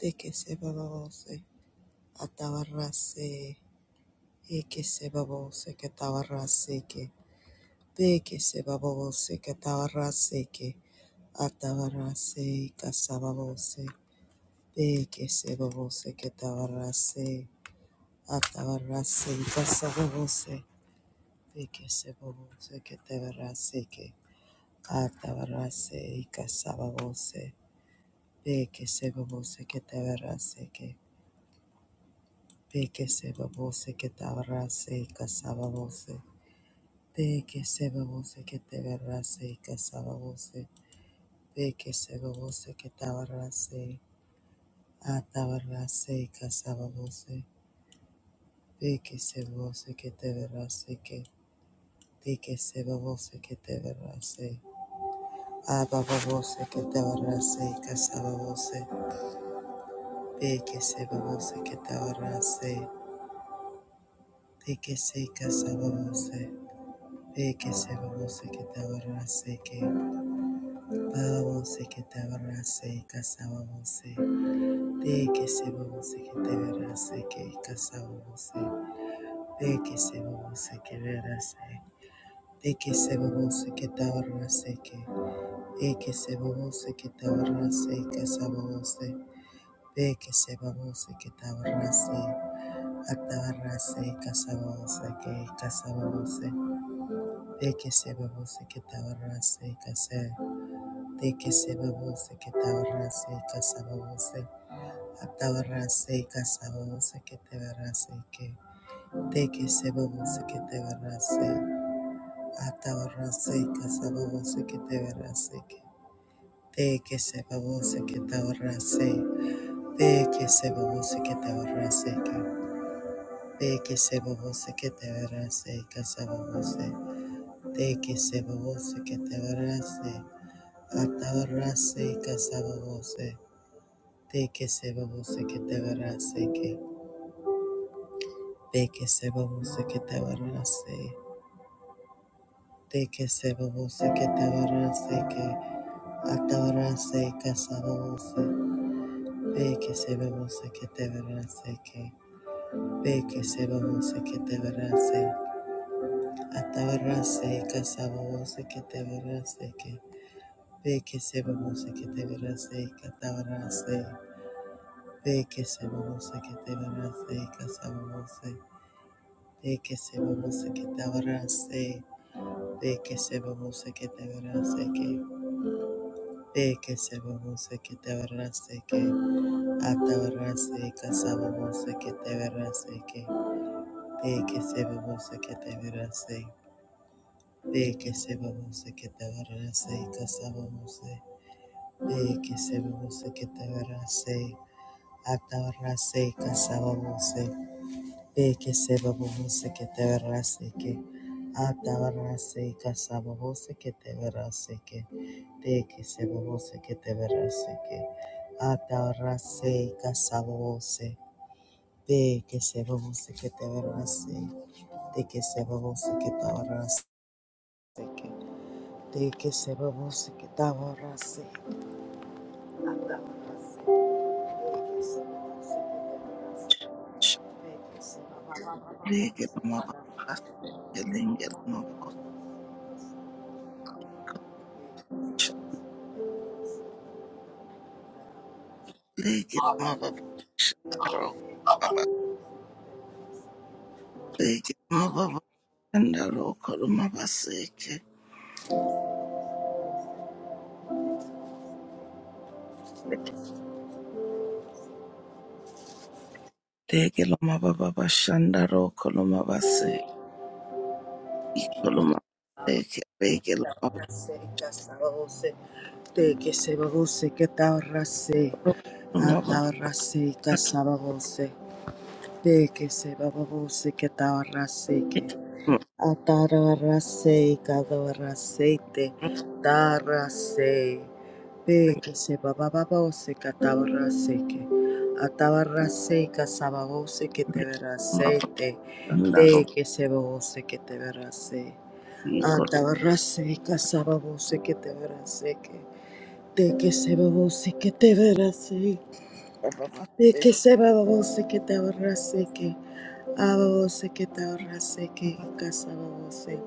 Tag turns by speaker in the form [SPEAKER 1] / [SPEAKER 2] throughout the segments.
[SPEAKER 1] de que se babose atabarrase e que se babose que atabarrase que de que se babose que atabarrase que atabarrase y casababose de que se babose que atabarrase atabarrase y casababose de que se babose que atabarrase que atabarrase y casababose de que se babose que atabarrase que Peke seba vose que te abrace y casaba vose. Peke seba vose que te abrace y casaba vose. Peke seba vose que te abrace. Atabarrace y casaba vose. Peke seba vose que te abrace que. Peke seba vose que te abrace. Ababa vose que te abrace y casaba vose. Peke seba vose que te abrace. Peke se casaba vose. Peke seba vose que te abrace que. Babose que te abarrase, casabose. De que se babose que te verase, que casabose. De que se babose que verase. De que se babose que te abarrase, que. De que se babose que te abarrase, casabose. De que se babose que te abarrase. Atabarrase, casabose, que casabose. De que se babose que te abarrase, casé, De que se babose que te abarrase, casabose. Atabarase kasabose ketebarase ke teke te ketebarase atabarase kasabose ketebarase ke teke sebose ketebarase teke sebose ketebarase ke teke sebose ketebarase kasabose teke sebose ketebarase atabarase kasabose teke sebose ketebarase ke De que se babose que te varase, de que se babose que te varase, que atavarase casabose, de que se babose que te varase, que de que se babose que te varase, atavarase casabose que te varase, que de que se babose que te varase, que atavarase, de que se babose que te varase, casabose, de que se babose que te varase. De que se babose que te verase que, de que se babose que te verase que, ata verase que se babose que te verase que, de que se babose que te verase, de que se babose que te verase que se babose, de que se babose que te verase, ata verase que se babose, de que se babose que te verase que, ata verase que se babose que te verase que. de que se que te verase que atarase casabose de que que te verase de que que te verase que de que se que te verase atarase de que se que te verase de que se
[SPEAKER 2] Lege
[SPEAKER 1] que te
[SPEAKER 2] mama.
[SPEAKER 1] verase
[SPEAKER 2] bas lenge mama. Shalege mababa mama. mababa shalege mama. shandaro mababa shalege mababa shandaro kolo mababa seke lege lo mababa shandaro kolo mababa se ikolo mababa seke lege lo mababa
[SPEAKER 1] Rase casabose, de que se babose que tabarrase,
[SPEAKER 2] kolo mababa
[SPEAKER 1] atabarrase casabose, de que se babose que tabarrase que
[SPEAKER 2] lege lo
[SPEAKER 1] atabarrase cadabarrase te tarrase, de que se bababose que tabarrase que atabarrase casabose que te verase
[SPEAKER 2] mababa
[SPEAKER 1] te, de
[SPEAKER 2] shandaro
[SPEAKER 1] que se babose que te verase.
[SPEAKER 2] ikolo
[SPEAKER 1] Atabarrase, casababose, que te verase, que de que se babose, que te verase,
[SPEAKER 2] mababa
[SPEAKER 1] de
[SPEAKER 2] se
[SPEAKER 1] que se babose, que te abarrase, que ababose, que te abarrase, que casababose,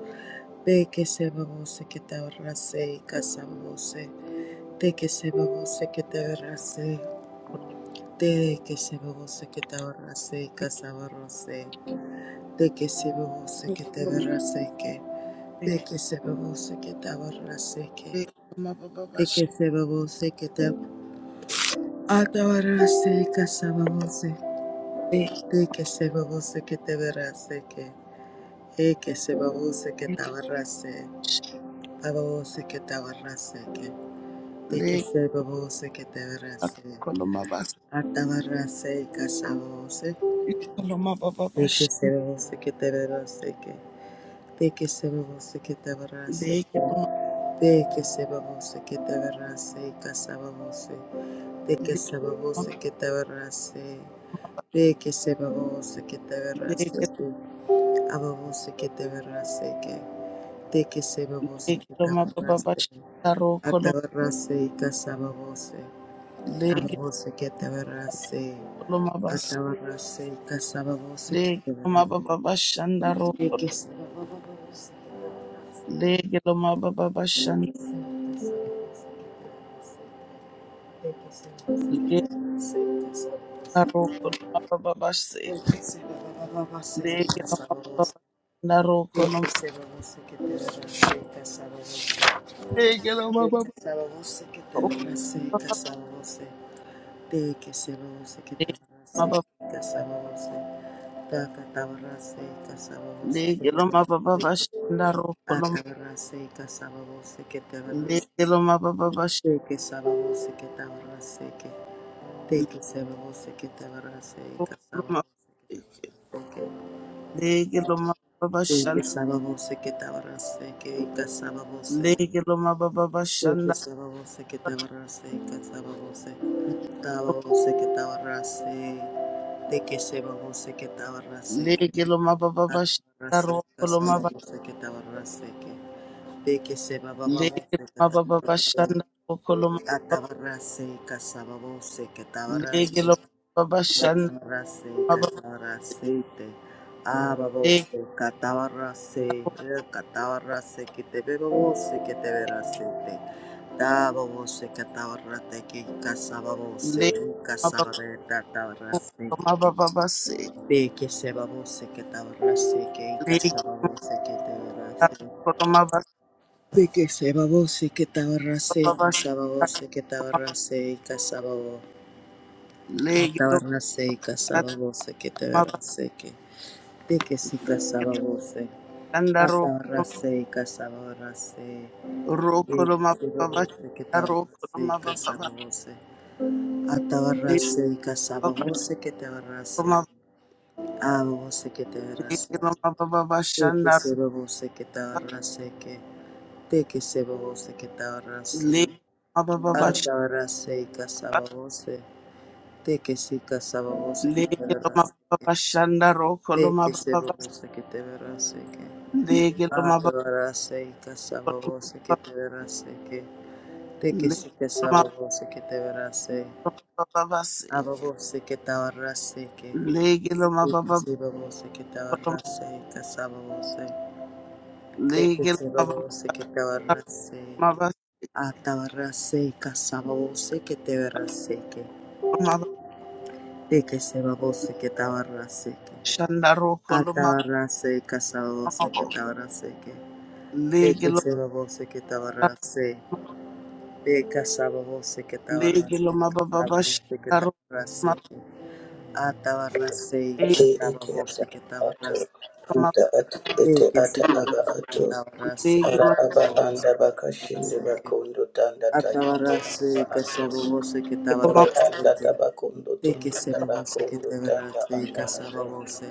[SPEAKER 1] de que se babose, que te abarrase, y casababose, de que se babose, que te verase, de que se babose, que te abarrase, y casabarrase, de que se babose, que te
[SPEAKER 2] kolo
[SPEAKER 1] verase, que de que se babose, que te abarrase, que
[SPEAKER 2] mababa
[SPEAKER 1] de que se babose que te atabarase y casababose
[SPEAKER 2] lege
[SPEAKER 1] de que se babose que te verase que e se babose que te abarrase babose que te abarrase que se babose que te verase
[SPEAKER 2] lo mababa shandaro
[SPEAKER 1] atabarrase y casababose
[SPEAKER 2] Loma baba
[SPEAKER 1] de
[SPEAKER 2] bash
[SPEAKER 1] que se babose que te verase que de que se babose que te abarrase
[SPEAKER 2] leke loma
[SPEAKER 1] se babose que te verase y casababose
[SPEAKER 2] leke
[SPEAKER 1] se babose que te Reke seba vose que te agarraste
[SPEAKER 2] leke
[SPEAKER 1] tú, aba vose que te agarraste que, te que seba vose que te
[SPEAKER 2] loma baba bash
[SPEAKER 1] agarraste,
[SPEAKER 2] daro kolom
[SPEAKER 1] atabarraste y casaba vose, aba
[SPEAKER 2] leke
[SPEAKER 1] vose que te agarraste,
[SPEAKER 2] loma bas
[SPEAKER 1] atabarraste y casaba vose que
[SPEAKER 2] leke
[SPEAKER 1] te
[SPEAKER 2] loma
[SPEAKER 1] agarraste,
[SPEAKER 2] baba bash and daro
[SPEAKER 1] reke seba vose que te agarraste,
[SPEAKER 2] leke loma baba
[SPEAKER 1] que
[SPEAKER 2] bash
[SPEAKER 1] seba vose que te agarraste, que seba vose que te agarraste, casaba vose, reke seba vose que te agarraste,
[SPEAKER 2] leke daro koloma baba bash seke leke loma
[SPEAKER 1] casaba vose,
[SPEAKER 2] baba daro
[SPEAKER 1] Thank you.
[SPEAKER 2] kolom leke loma
[SPEAKER 1] que
[SPEAKER 2] baba leke loma Lake Loma baba bash daro kolom leke loma baba bash Loma Lege loma baba shanda.
[SPEAKER 1] estaba voce, que estaba rase, que casaba voce,
[SPEAKER 2] Lege loma baba
[SPEAKER 1] Thank you,
[SPEAKER 2] bashanda.
[SPEAKER 1] Sababose, Ketabarase, Katsababose, Tababose, Ketabarase, Teke Sebabose, Ketabarase,
[SPEAKER 2] Lege loma baba bashanda
[SPEAKER 1] Atabarase,
[SPEAKER 2] roko loma ba.
[SPEAKER 1] Kasababose, Ketabarase, Teke
[SPEAKER 2] Lege
[SPEAKER 1] Sebababose,
[SPEAKER 2] loma baba
[SPEAKER 1] Ketabarase,
[SPEAKER 2] bashanda roko loma ba.
[SPEAKER 1] Atabarase, Kasababose,
[SPEAKER 2] Lege
[SPEAKER 1] Ketabarase,
[SPEAKER 2] loma baba bashanda
[SPEAKER 1] Atabarase,
[SPEAKER 2] baba.
[SPEAKER 1] Kasabarase,
[SPEAKER 2] Lege
[SPEAKER 1] Ababose, Katabarase,
[SPEAKER 2] ro-
[SPEAKER 1] Katabarase, Ketebebose, Keteberase, Tababose katabarate ke kasababose
[SPEAKER 2] lege loma baba
[SPEAKER 1] kasabareta tabarase
[SPEAKER 2] loma
[SPEAKER 1] ke
[SPEAKER 2] baba base.
[SPEAKER 1] de que se babose que tabarase que
[SPEAKER 2] Lege
[SPEAKER 1] kasababose que tabarase
[SPEAKER 2] roko loma ba
[SPEAKER 1] de que se babose que tabarase
[SPEAKER 2] baba bashanda
[SPEAKER 1] kasababose que
[SPEAKER 2] loma.
[SPEAKER 1] tabarase kasababo
[SPEAKER 2] Lege loma
[SPEAKER 1] atabarase kasababose que
[SPEAKER 2] loma ba
[SPEAKER 1] tabarase que de que si kasababose
[SPEAKER 2] shanda roko loma.
[SPEAKER 1] atabarase kasabarase
[SPEAKER 2] Roko
[SPEAKER 1] de que
[SPEAKER 2] loma
[SPEAKER 1] se
[SPEAKER 2] baba
[SPEAKER 1] babose que
[SPEAKER 2] bashanda roko
[SPEAKER 1] tabarase
[SPEAKER 2] loma baba ba.
[SPEAKER 1] kasababose
[SPEAKER 2] Lege
[SPEAKER 1] Atabarrase,
[SPEAKER 2] loma
[SPEAKER 1] casababose que te abarrase,
[SPEAKER 2] baba
[SPEAKER 1] ababose que te abarrase,
[SPEAKER 2] Lego ma ba ba ba
[SPEAKER 1] te que
[SPEAKER 2] shanda ro,
[SPEAKER 1] se babose que te abarrase, que te que se babose que te
[SPEAKER 2] Lego
[SPEAKER 1] abarrase,
[SPEAKER 2] ma ba ba ba shanda,
[SPEAKER 1] atabarrase y casababose, te que si casababose que te
[SPEAKER 2] Lego ma
[SPEAKER 1] abarrase,
[SPEAKER 2] ba ba ba shanda ro, kolo
[SPEAKER 1] te
[SPEAKER 2] ma
[SPEAKER 1] que
[SPEAKER 2] ba
[SPEAKER 1] se
[SPEAKER 2] ba ba,
[SPEAKER 1] babose que te abarrase, que
[SPEAKER 2] Lego ma ba
[SPEAKER 1] atabarrase y
[SPEAKER 2] ba
[SPEAKER 1] casababose
[SPEAKER 2] ba,
[SPEAKER 1] que te abarrase, que te que
[SPEAKER 2] Lego
[SPEAKER 1] si
[SPEAKER 2] ma
[SPEAKER 1] casababose que te abarrase,
[SPEAKER 2] ba ba ba seke,
[SPEAKER 1] ababose que te abarrase, que,
[SPEAKER 2] Lego ma
[SPEAKER 1] Te
[SPEAKER 2] ba ba
[SPEAKER 1] kisi
[SPEAKER 2] ba,
[SPEAKER 1] babo se babose que te abarrase, casaba vose. Te
[SPEAKER 2] Lego
[SPEAKER 1] kisi
[SPEAKER 2] ma ba ba
[SPEAKER 1] babo se babose que te abarrase,
[SPEAKER 2] ma ba
[SPEAKER 1] atabarrase, casaba vose que te verrase que.
[SPEAKER 2] ma ba
[SPEAKER 1] Te kisi babo se babose que te abarrase que.
[SPEAKER 2] shanda ro, kolo ma
[SPEAKER 1] Atabarrase, casaba
[SPEAKER 2] ba ba
[SPEAKER 1] vose
[SPEAKER 2] ba,
[SPEAKER 1] que te abarrase que. Te
[SPEAKER 2] Lego
[SPEAKER 1] kisi babo se babose que te abarrase. de casaba vose que te abarrase,
[SPEAKER 2] Lego ma ba ba ba
[SPEAKER 1] casaba vose que
[SPEAKER 2] shanda
[SPEAKER 1] te
[SPEAKER 2] ro, ma
[SPEAKER 1] abarrase que. Atabarrase,
[SPEAKER 2] Lego
[SPEAKER 3] ati
[SPEAKER 1] casaba
[SPEAKER 3] iti ata
[SPEAKER 1] vose que te
[SPEAKER 3] ato
[SPEAKER 1] abarrase
[SPEAKER 2] ma
[SPEAKER 3] ata ati iti
[SPEAKER 1] Tekesi
[SPEAKER 3] ata aba
[SPEAKER 1] babushika
[SPEAKER 3] ato
[SPEAKER 1] tabarase
[SPEAKER 2] Lego
[SPEAKER 3] ara
[SPEAKER 2] ma
[SPEAKER 3] aba
[SPEAKER 1] kasabubusi
[SPEAKER 3] anda bakashinde
[SPEAKER 1] kitabarase ke
[SPEAKER 3] bakondo tanda tayinde
[SPEAKER 1] atabarase
[SPEAKER 3] anda ato
[SPEAKER 1] kasabubusi
[SPEAKER 2] Lego
[SPEAKER 3] ore
[SPEAKER 1] kitabarase
[SPEAKER 3] anda
[SPEAKER 1] ke
[SPEAKER 3] tabakondo tunda
[SPEAKER 1] tekesi babusi
[SPEAKER 3] tabakondo tanda
[SPEAKER 1] kitabarase
[SPEAKER 3] anda ato
[SPEAKER 1] kasabubusi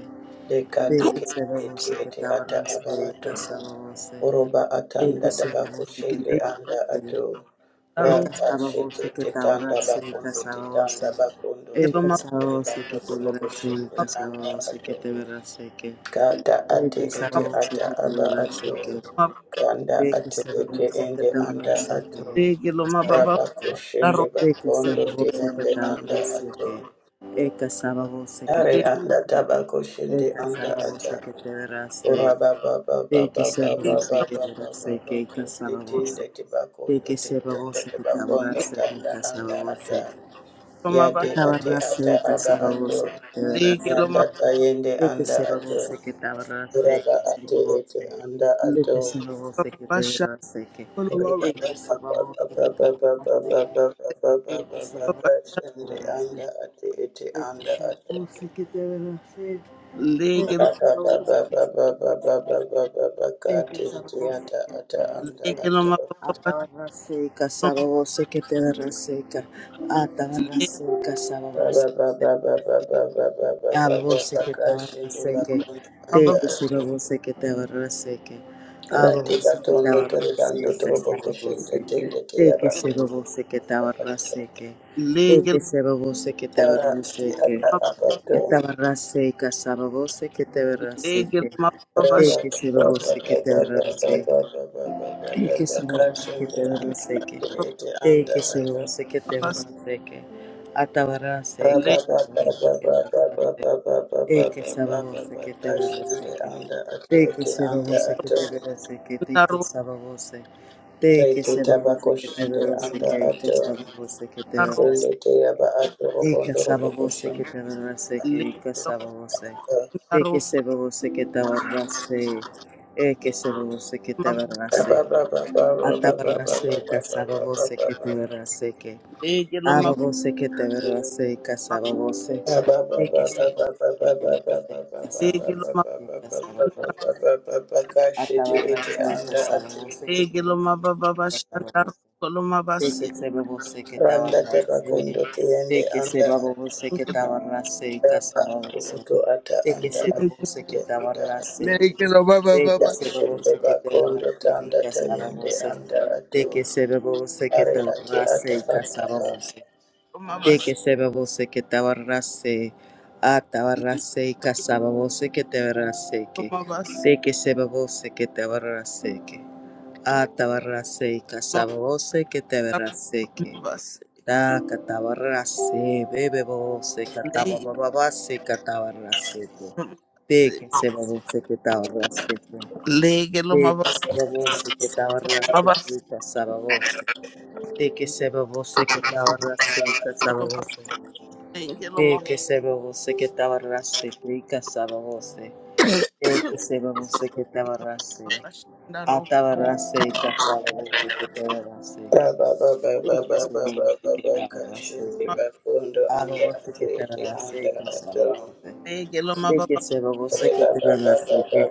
[SPEAKER 3] deka teke
[SPEAKER 1] tekesi
[SPEAKER 3] iti
[SPEAKER 1] babusi
[SPEAKER 3] iti ata aba
[SPEAKER 1] kitabarase
[SPEAKER 3] ato
[SPEAKER 1] kasabubusi
[SPEAKER 3] oroba atanda
[SPEAKER 1] tekesi babusi
[SPEAKER 3] dabakushinde anda ato
[SPEAKER 1] kitabarase
[SPEAKER 3] raka shete
[SPEAKER 1] ekasabubusi
[SPEAKER 3] tetanda
[SPEAKER 1] kitabarase
[SPEAKER 3] bakondo
[SPEAKER 1] kasabubusi
[SPEAKER 3] tetanda bakondo
[SPEAKER 2] ma
[SPEAKER 3] tende
[SPEAKER 1] ekasabubusi
[SPEAKER 3] rebando
[SPEAKER 1] kitabarase
[SPEAKER 3] tobokushinde anda
[SPEAKER 1] kasabubusi
[SPEAKER 3] ato
[SPEAKER 1] kitabarase ke
[SPEAKER 3] Kata ate ete
[SPEAKER 1] ekasabubusi
[SPEAKER 3] ata aba
[SPEAKER 1] kitabarase
[SPEAKER 3] ato.
[SPEAKER 1] ke
[SPEAKER 3] Kanda
[SPEAKER 1] de que
[SPEAKER 3] ate
[SPEAKER 1] se
[SPEAKER 3] ete
[SPEAKER 1] regrese que
[SPEAKER 3] ende
[SPEAKER 1] te
[SPEAKER 3] anda
[SPEAKER 1] abrace
[SPEAKER 3] ato.
[SPEAKER 1] que
[SPEAKER 2] lege lo mababa
[SPEAKER 3] Raba
[SPEAKER 1] casabose
[SPEAKER 3] koshende
[SPEAKER 2] daro
[SPEAKER 1] de que se
[SPEAKER 3] bakondo te
[SPEAKER 1] regrese que
[SPEAKER 3] ende
[SPEAKER 1] te
[SPEAKER 3] anda
[SPEAKER 1] abrace
[SPEAKER 3] ato.
[SPEAKER 1] que e casabose que te
[SPEAKER 3] Are
[SPEAKER 2] lege
[SPEAKER 1] abrace
[SPEAKER 3] anda taba
[SPEAKER 1] e
[SPEAKER 3] koshende anda ata.
[SPEAKER 1] casabose que te
[SPEAKER 3] Ora
[SPEAKER 1] abrace
[SPEAKER 3] ba ba ba ba
[SPEAKER 1] de que
[SPEAKER 3] ba
[SPEAKER 1] se
[SPEAKER 3] ba ba ba
[SPEAKER 1] regrese
[SPEAKER 2] lo
[SPEAKER 1] que
[SPEAKER 3] ba
[SPEAKER 1] te
[SPEAKER 3] ba ba
[SPEAKER 1] abrace
[SPEAKER 3] ba
[SPEAKER 1] que
[SPEAKER 3] ko te tende
[SPEAKER 1] casabose
[SPEAKER 3] te
[SPEAKER 1] de
[SPEAKER 3] bakondo
[SPEAKER 1] que
[SPEAKER 3] te
[SPEAKER 1] se
[SPEAKER 3] tende
[SPEAKER 1] regrese
[SPEAKER 3] te
[SPEAKER 1] que te
[SPEAKER 3] bakondo
[SPEAKER 2] lege
[SPEAKER 1] abrace que
[SPEAKER 3] tanda anda ata.
[SPEAKER 1] casabose
[SPEAKER 2] maba
[SPEAKER 3] Yade ate ata
[SPEAKER 1] atabarnace y
[SPEAKER 3] aba ato.
[SPEAKER 1] casabose que te
[SPEAKER 2] lege lo
[SPEAKER 3] Yanda
[SPEAKER 1] abrace
[SPEAKER 2] maba
[SPEAKER 3] tayende
[SPEAKER 1] De que
[SPEAKER 3] anda
[SPEAKER 1] se lo
[SPEAKER 3] ato.
[SPEAKER 1] sé que te abrace,
[SPEAKER 3] Uraba
[SPEAKER 1] que se
[SPEAKER 3] ate
[SPEAKER 1] lo
[SPEAKER 3] ete
[SPEAKER 1] sé.
[SPEAKER 3] anda
[SPEAKER 1] De
[SPEAKER 3] ato
[SPEAKER 1] que se lo sé que
[SPEAKER 2] mababa
[SPEAKER 1] te
[SPEAKER 2] shako
[SPEAKER 1] abrace, que.
[SPEAKER 2] lo maba
[SPEAKER 3] uriba
[SPEAKER 1] De que
[SPEAKER 3] baba
[SPEAKER 1] se lo
[SPEAKER 3] baba
[SPEAKER 1] sé que te
[SPEAKER 3] baba baba
[SPEAKER 1] abrace, que.
[SPEAKER 3] baba baba
[SPEAKER 1] De que se
[SPEAKER 3] baba
[SPEAKER 1] lo
[SPEAKER 2] mababa
[SPEAKER 1] sé que te
[SPEAKER 3] kashende anda
[SPEAKER 1] abrace.
[SPEAKER 3] ate ete
[SPEAKER 1] que. De que
[SPEAKER 3] anda
[SPEAKER 1] se
[SPEAKER 3] ato
[SPEAKER 1] lo sé que te abrace. De
[SPEAKER 2] lege lo
[SPEAKER 1] que se
[SPEAKER 3] uraba
[SPEAKER 1] lo sé
[SPEAKER 3] baba baba baba baba baba
[SPEAKER 1] de que
[SPEAKER 3] kate
[SPEAKER 1] se
[SPEAKER 3] ete
[SPEAKER 1] lo sé
[SPEAKER 3] ata
[SPEAKER 1] que te
[SPEAKER 3] ata anda
[SPEAKER 2] lege
[SPEAKER 1] abrace.
[SPEAKER 2] lo
[SPEAKER 3] ato
[SPEAKER 2] mababa
[SPEAKER 1] Atabarra seca,
[SPEAKER 2] shako
[SPEAKER 1] sábado seca, te verá seca. Atabarra
[SPEAKER 2] lege
[SPEAKER 1] seca, sábado seca.
[SPEAKER 3] uraba baba baba baba
[SPEAKER 1] que
[SPEAKER 3] baba baba
[SPEAKER 1] que
[SPEAKER 3] kashende
[SPEAKER 1] tabarrase que
[SPEAKER 3] bakunda
[SPEAKER 1] te
[SPEAKER 3] anda
[SPEAKER 2] mababa
[SPEAKER 1] que si
[SPEAKER 3] ato
[SPEAKER 1] lo bose que tabarrase que
[SPEAKER 3] rati
[SPEAKER 1] ababose que
[SPEAKER 3] batondo teribando
[SPEAKER 1] tabarrase que
[SPEAKER 3] trobo koshende
[SPEAKER 1] sababose
[SPEAKER 3] tende
[SPEAKER 1] te
[SPEAKER 3] teyaba
[SPEAKER 1] que si lo bose que
[SPEAKER 3] anda ato
[SPEAKER 1] tabarrase que te
[SPEAKER 2] lege
[SPEAKER 1] que
[SPEAKER 2] lo
[SPEAKER 1] se babose que
[SPEAKER 3] Tara ate
[SPEAKER 1] tabarrase
[SPEAKER 3] ata
[SPEAKER 1] que
[SPEAKER 2] mababa
[SPEAKER 3] abato
[SPEAKER 1] tabarrase que sababose que tabarrase
[SPEAKER 2] lege lo
[SPEAKER 1] que
[SPEAKER 2] mababa
[SPEAKER 3] Rabba
[SPEAKER 1] te que si
[SPEAKER 2] shako
[SPEAKER 1] lo
[SPEAKER 2] lo
[SPEAKER 1] bose que se te te te te te te que Araboseketaraseke, sarabose. Tekesiroboseketaraseke. Tekesiroboseketaraseke. Atabaraseka, que Tekesiroboseketarase. Tekesiroboseketaraseke.
[SPEAKER 2] mababa
[SPEAKER 1] Tekesiroboseketaraseke. Atabaraseka,
[SPEAKER 2] lege
[SPEAKER 1] saraboseketaraseke. Eke sabavose que te verase que te que sabavose que te verase que te que
[SPEAKER 2] daro
[SPEAKER 1] sabavose te que sababose que te verase que que sababose que te
[SPEAKER 2] daro
[SPEAKER 1] verase Eke sababose que te verase
[SPEAKER 2] lege
[SPEAKER 1] que que
[SPEAKER 2] lo
[SPEAKER 1] sababose te
[SPEAKER 2] daro
[SPEAKER 1] que sababose que te verase Eke sababose que te
[SPEAKER 2] mababa
[SPEAKER 1] verase atabarase que sababose que te verase que
[SPEAKER 2] lege lo
[SPEAKER 1] Aba
[SPEAKER 2] mababa
[SPEAKER 1] bose que te verase casaba bose. De que se babose que te verase casaba
[SPEAKER 2] lege lo
[SPEAKER 1] que casaba
[SPEAKER 2] mababa
[SPEAKER 1] bose.
[SPEAKER 3] Kashiti iti
[SPEAKER 1] Atabarrase
[SPEAKER 3] anda
[SPEAKER 1] casaba
[SPEAKER 3] ati
[SPEAKER 1] que te
[SPEAKER 2] lege lo
[SPEAKER 1] verase
[SPEAKER 2] mababa
[SPEAKER 1] casaba
[SPEAKER 2] shako lo mababa
[SPEAKER 1] De que se babose que te
[SPEAKER 3] randa teba
[SPEAKER 1] abarrase.
[SPEAKER 3] tiende
[SPEAKER 1] De que se
[SPEAKER 3] anda
[SPEAKER 1] babose que te abarrase
[SPEAKER 3] ataba
[SPEAKER 1] casaba
[SPEAKER 3] atu
[SPEAKER 1] bose.
[SPEAKER 3] utu ata
[SPEAKER 1] De que
[SPEAKER 3] anda
[SPEAKER 1] se
[SPEAKER 3] ati
[SPEAKER 1] babose que
[SPEAKER 3] iti
[SPEAKER 1] te
[SPEAKER 3] anda ati
[SPEAKER 1] abarrase.
[SPEAKER 2] lege lo
[SPEAKER 1] De que
[SPEAKER 2] mababa
[SPEAKER 1] se
[SPEAKER 3] kashinde
[SPEAKER 1] babose que te
[SPEAKER 3] bakondo
[SPEAKER 1] verase
[SPEAKER 3] tanda
[SPEAKER 1] casaba
[SPEAKER 3] tayende
[SPEAKER 1] bose.
[SPEAKER 3] anda atu
[SPEAKER 1] De que se babose que
[SPEAKER 3] ari
[SPEAKER 1] te
[SPEAKER 3] ati ata
[SPEAKER 1] abarrase
[SPEAKER 3] aba
[SPEAKER 1] casaba bose. De
[SPEAKER 2] Romabas,
[SPEAKER 1] que se babose que te abarrase, a te abarrase y casaba que te abarrase que.
[SPEAKER 2] Romabas,
[SPEAKER 1] De que se babose que te abarrase que. A te abarrase y casaba que te abarrase que.
[SPEAKER 2] Romabas,
[SPEAKER 1] Da que te abarrase, bebe vos que te
[SPEAKER 2] Leg,
[SPEAKER 1] abarrase que te abarrase que. De que se babose que te abarrase que.
[SPEAKER 2] Leg,
[SPEAKER 1] De
[SPEAKER 2] Romabas,
[SPEAKER 1] que se babose que te abarrase que casaba De que se babose que te abarrase casaba vos. De que se babose que te tabarrase, rica sababose. De que se babose que te tabarrase, atabarrase y casababose que tabarrase.
[SPEAKER 3] raba baba
[SPEAKER 1] De que
[SPEAKER 3] baba
[SPEAKER 1] se
[SPEAKER 3] baba
[SPEAKER 1] babose que te
[SPEAKER 3] baba
[SPEAKER 1] tabarrase,
[SPEAKER 3] kashinde
[SPEAKER 1] que
[SPEAKER 3] bakondo anda
[SPEAKER 1] ababose
[SPEAKER 3] ati
[SPEAKER 1] que
[SPEAKER 3] iti
[SPEAKER 1] tabarrase y
[SPEAKER 3] anda atu
[SPEAKER 1] casababose. De que se babose que te tabarrase, que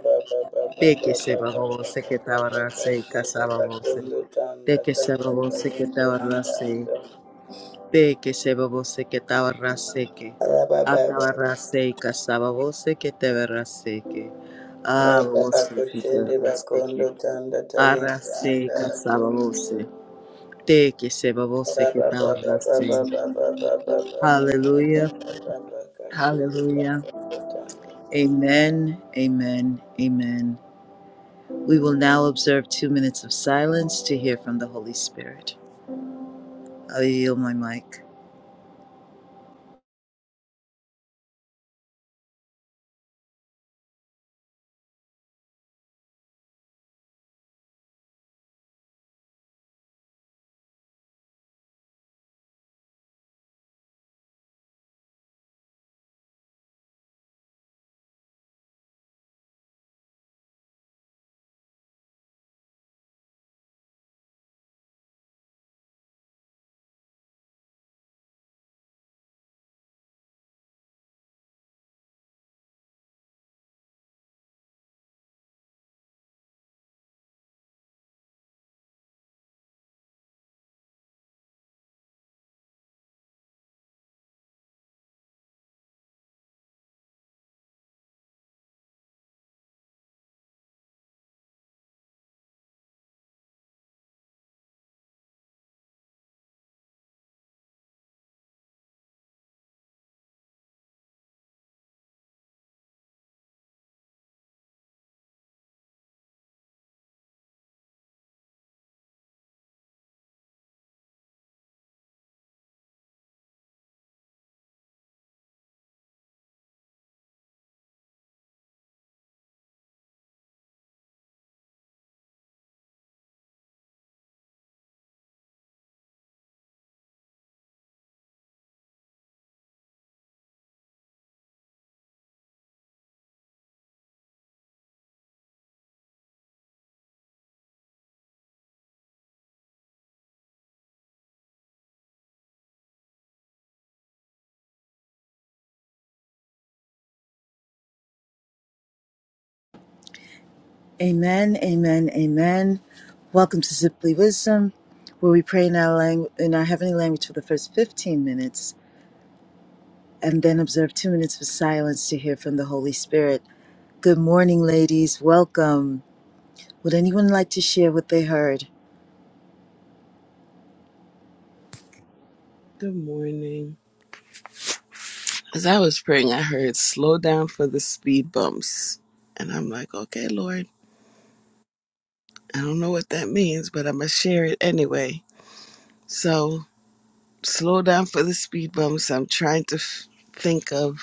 [SPEAKER 1] de que se babose que tabarrase y casababose. De que se babose que te tabarrase. Peke sebabose que tabarraseke. Atabarraseka sababose que teberraseke. Abose que teberraseke. Arraseka sababose. Teke sebabose que tabarrase. Hallelujah. Hallelujah. Amen. Amen. Amen. We will now observe two minutes of silence to hear from the Holy Spirit. I yield my mic. Amen, amen, amen. Welcome to Simply Wisdom, where we pray in our, langu- in our heavenly language for the first 15 minutes and then observe two minutes of silence to hear from the Holy Spirit. Good morning, ladies. Welcome. Would anyone like to share what they heard?
[SPEAKER 2] Good morning. As I was praying, I heard slow down for the speed bumps. And I'm like, okay, Lord, I don't know what that means, but I'm going to share it anyway. So, slow down for the speed bumps. I'm trying to f- think of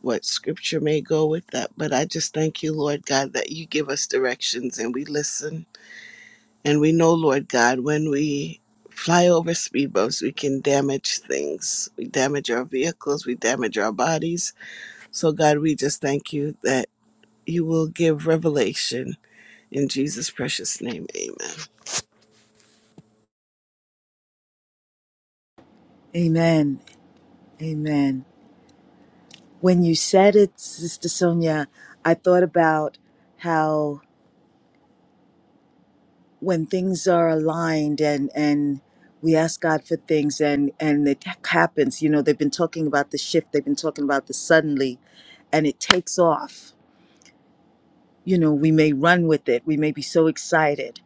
[SPEAKER 2] what scripture may go with that. But I just thank you, Lord God, that you give us directions and we listen. And we know, Lord God, when we fly over speed bumps, we can damage things. We damage our vehicles, we damage our bodies. So, God, we just thank you that you will give revelation. In Jesus' precious name, amen.
[SPEAKER 1] Amen, amen. When you said it, Sister Sonia, I thought about how when things are aligned and and we ask God for things and and it happens you know they've been talking about the shift they've been talking about the suddenly and it takes off you know we may run with it we may be so excited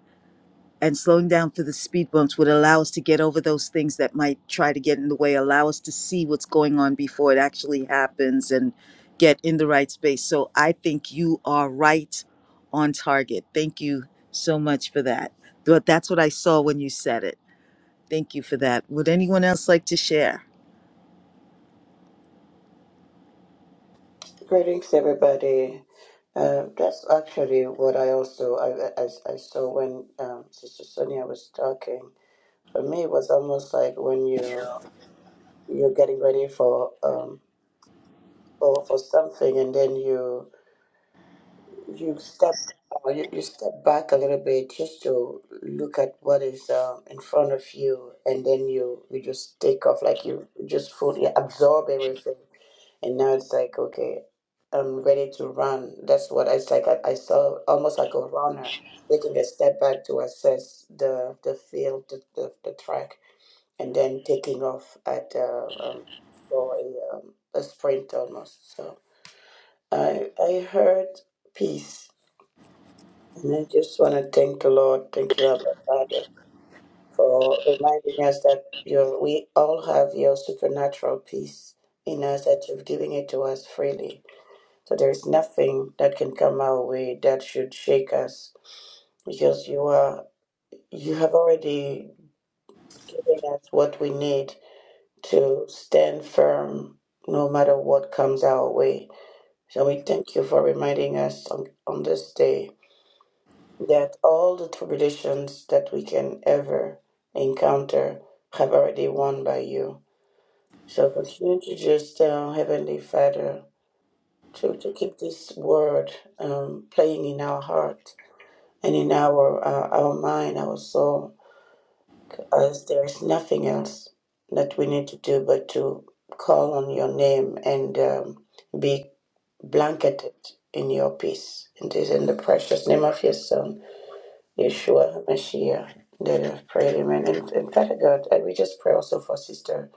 [SPEAKER 1] and slowing down for the speed bumps would allow us to get over those things that might try to get in the way, allow us to see what's going on before it actually happens and get in the right space. So I think you are right on target. Thank you so much for that. But that's what I saw when you said it. Thank you for that. Would anyone else like to share?
[SPEAKER 3] Greetings, everybody. Uh, that's actually what I also I, I, I saw when um, Sister Sonia was talking. for me it was almost like when you you're getting ready for um for, for something and then you you step or you, you step back a little bit just to look at what is um, in front of you and then you you just take off like you just fully absorb everything and now it's like okay i'm ready to run that's what it's like i, I saw almost like a runner taking a step back to assess the the field the, the, the track and then taking off at uh, um, for a, um, a sprint almost. So I I heard peace, and I just want to thank the Lord, thank you, Abba Father, for reminding us that you we all have your supernatural peace in us that you've given it to us freely. So there is nothing that can come our way that should shake us because you are you have already given us what we need to stand firm no matter what comes our way. So we thank you for reminding us on, on this day that all the tribulations that we can ever encounter have already won by you. So continue to just, uh, Heavenly Father, to, to keep this word um, playing in our heart and in our uh, our mind, our soul As there is nothing else that we need to do but to call on your name and um, be blanketed in your peace. It is in the precious name of your Son, Yeshua Mashiach, that I've prayed, Amen. And, and Father God, and we just pray also for Sister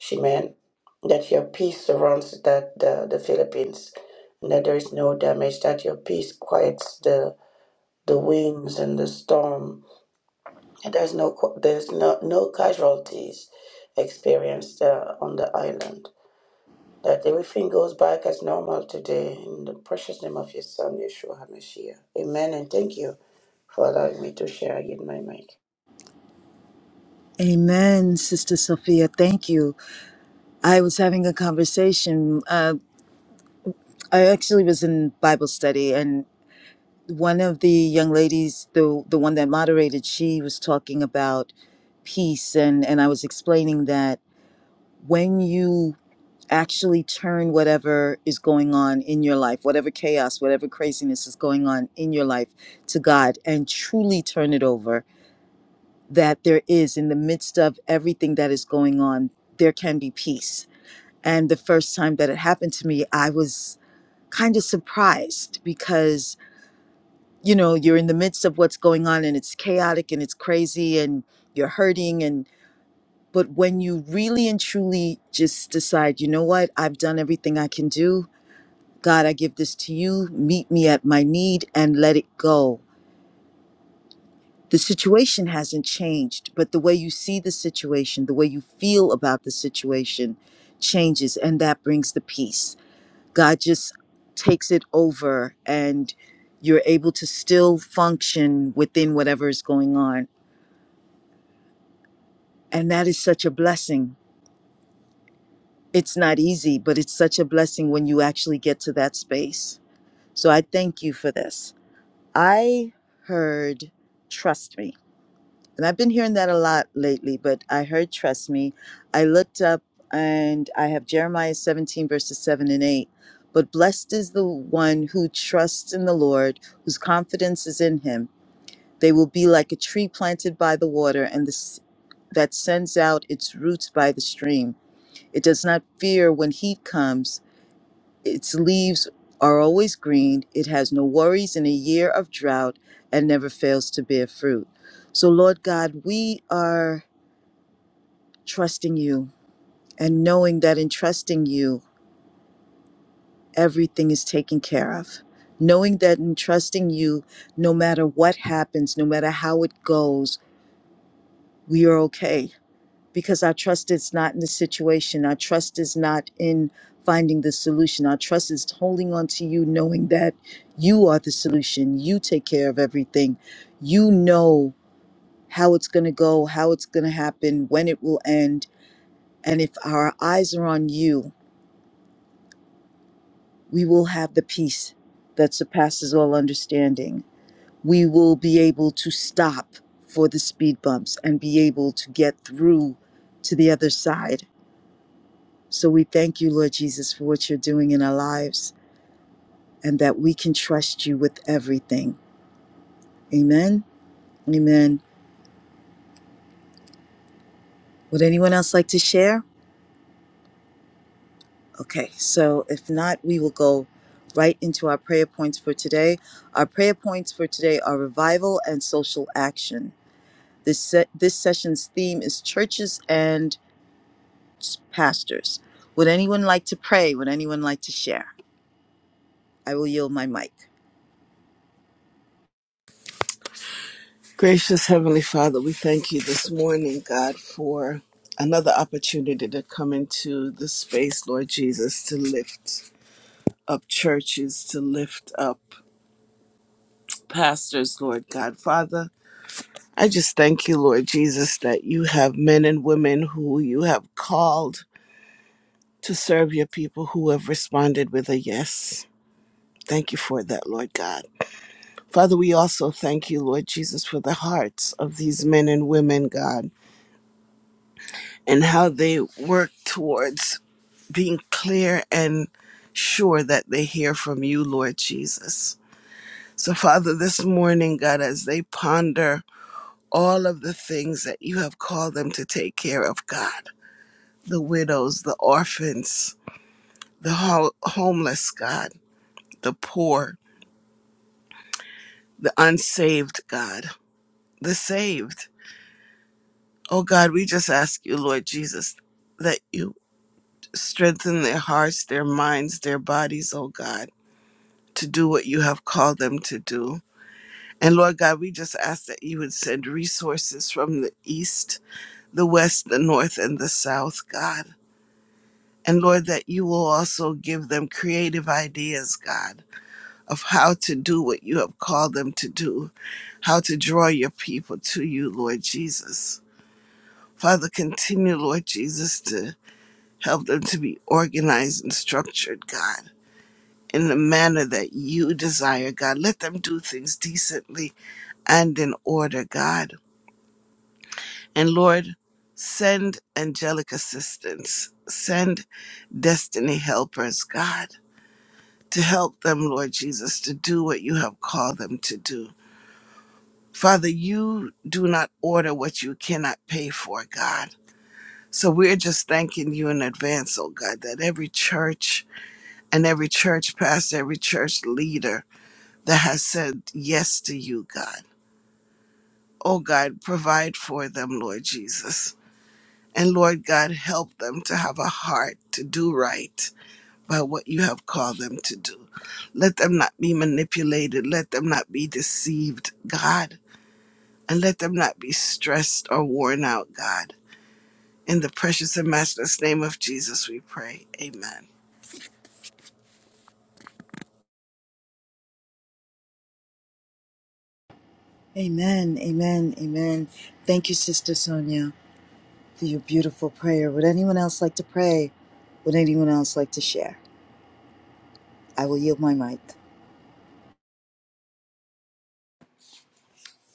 [SPEAKER 3] Shimen, that your peace surrounds that the, the Philippines, and that there is no damage, that your peace quiets the the winds and the storm and There's no qu- there's no no casualties experienced uh, on the island. That everything goes back as normal today in the precious name of your son Yeshua Hamashiach. Amen. And thank you for allowing me to share in my mic.
[SPEAKER 1] Amen, Sister Sophia. Thank you. I was having a conversation. Uh, I actually was in Bible study, and. one of the young ladies, the the one that moderated, she was talking about peace, and and I was explaining that when you actually turn whatever is going on in your life, whatever chaos, whatever craziness is going on in your life, to God, and truly turn it over, that there is in the midst of everything that is going on, there can be peace. And the first time that it happened to me, I was kind of surprised because you know you're in the midst of what's going on and it's chaotic and it's crazy and you're hurting and but when you really and truly just decide you know what i've done everything i can do god i give this to you meet me at my need and let it go the situation hasn't changed but the way you see the situation the way you feel about the situation changes and that brings the peace god just takes it over and you're able to still function within whatever is going on And that is such a blessing. It's not easy, but it's such a blessing when you actually get to that space. So I thank you for this. I heard trust me. And I've been hearing that a lot lately, but I heard trust me. I looked up and I have Jeremiah 17, verses 7 and 8. But blessed is the one who trusts in the Lord, whose confidence is in him. They will be like a tree planted by the water and the, s- that sends out its roots by the stream It does not fear when heat comes. Its leaves are always green. It has no worries in a year of drought and never fails to bear fruit. So, Lord God, we are trusting you and knowing that in trusting you, everything is taken care of. Knowing that in trusting you, no matter what happens, no matter how it goes, we are okay because our trust is not in the situation. Our trust is not in finding the solution. Our trust is holding on to you, knowing that you are the solution. You take care of everything. You know how it's going to go, how it's going to happen, when it will end. And if our eyes are on you, we will have the peace that surpasses all understanding. We will be able to stop for the speed bumps and be able to get through to the other side So we thank you, Lord Jesus, for what you're doing in our lives and that we can trust you with everything. Amen. Amen. Would anyone else like to share? Okay, so if not, we will go right into our prayer points for today. Our prayer points for today are revival and social action. This, se- this session's theme is churches and pastors. Would anyone like to pray? Would anyone like to share? I will yield my mic.
[SPEAKER 2] Gracious Heavenly Father, we thank you this morning, God, for another opportunity to come into the space, Lord Jesus, to lift. up churches to lift up pastors, Lord God. Father, I just thank you, Lord Jesus, that you have men and women who you have called to serve your people who have responded with a yes. Thank you for that, Lord God. Father, we also thank you, Lord Jesus, for the hearts of these men and women, God, and how they work towards being clear and sure that they hear from you, Lord Jesus. So, Father, this morning, God, as they ponder all of the things that you have called them to take care of, God. The widows, the orphans, the ho- homeless, God, the poor, the unsaved, God, the saved. Oh God, we just ask you, Lord Jesus, that you strengthen their hearts, their minds, their bodies, oh God, to do what you have called them to do. And Lord God, we just ask that you would send resources from the east, the west, the north, and the south, God And Lord, that you will also give them creative ideas, God, of how to do what you have called them to do, how to draw your people to you, Lord Jesus. Father, continue, Lord Jesus, to help them to be organized and structured, God, in the manner that you desire, God. Let them do things decently and in order, God. And Lord, send angelic assistance, send destiny helpers, God to help them, Lord Jesus, to do what you have called them to do. Father, you do not order what you cannot pay for, God. So we're just thanking you in advance, oh God, that every church and every church pastor, every church leader that has said yes to you, God, oh God, provide for them, Lord Jesus. And Lord God, help them to have a heart to do right by what you have called them to do. Let them not be manipulated. Let them not be deceived, God. And let them not be stressed or worn out, God. In the precious and matchless name of Jesus, we pray. Amen.
[SPEAKER 1] Amen. Amen. Amen. Thank you, Sister Sonia. for your beautiful prayer. Would anyone else like to pray? Would anyone else like to share? I will yield my mic.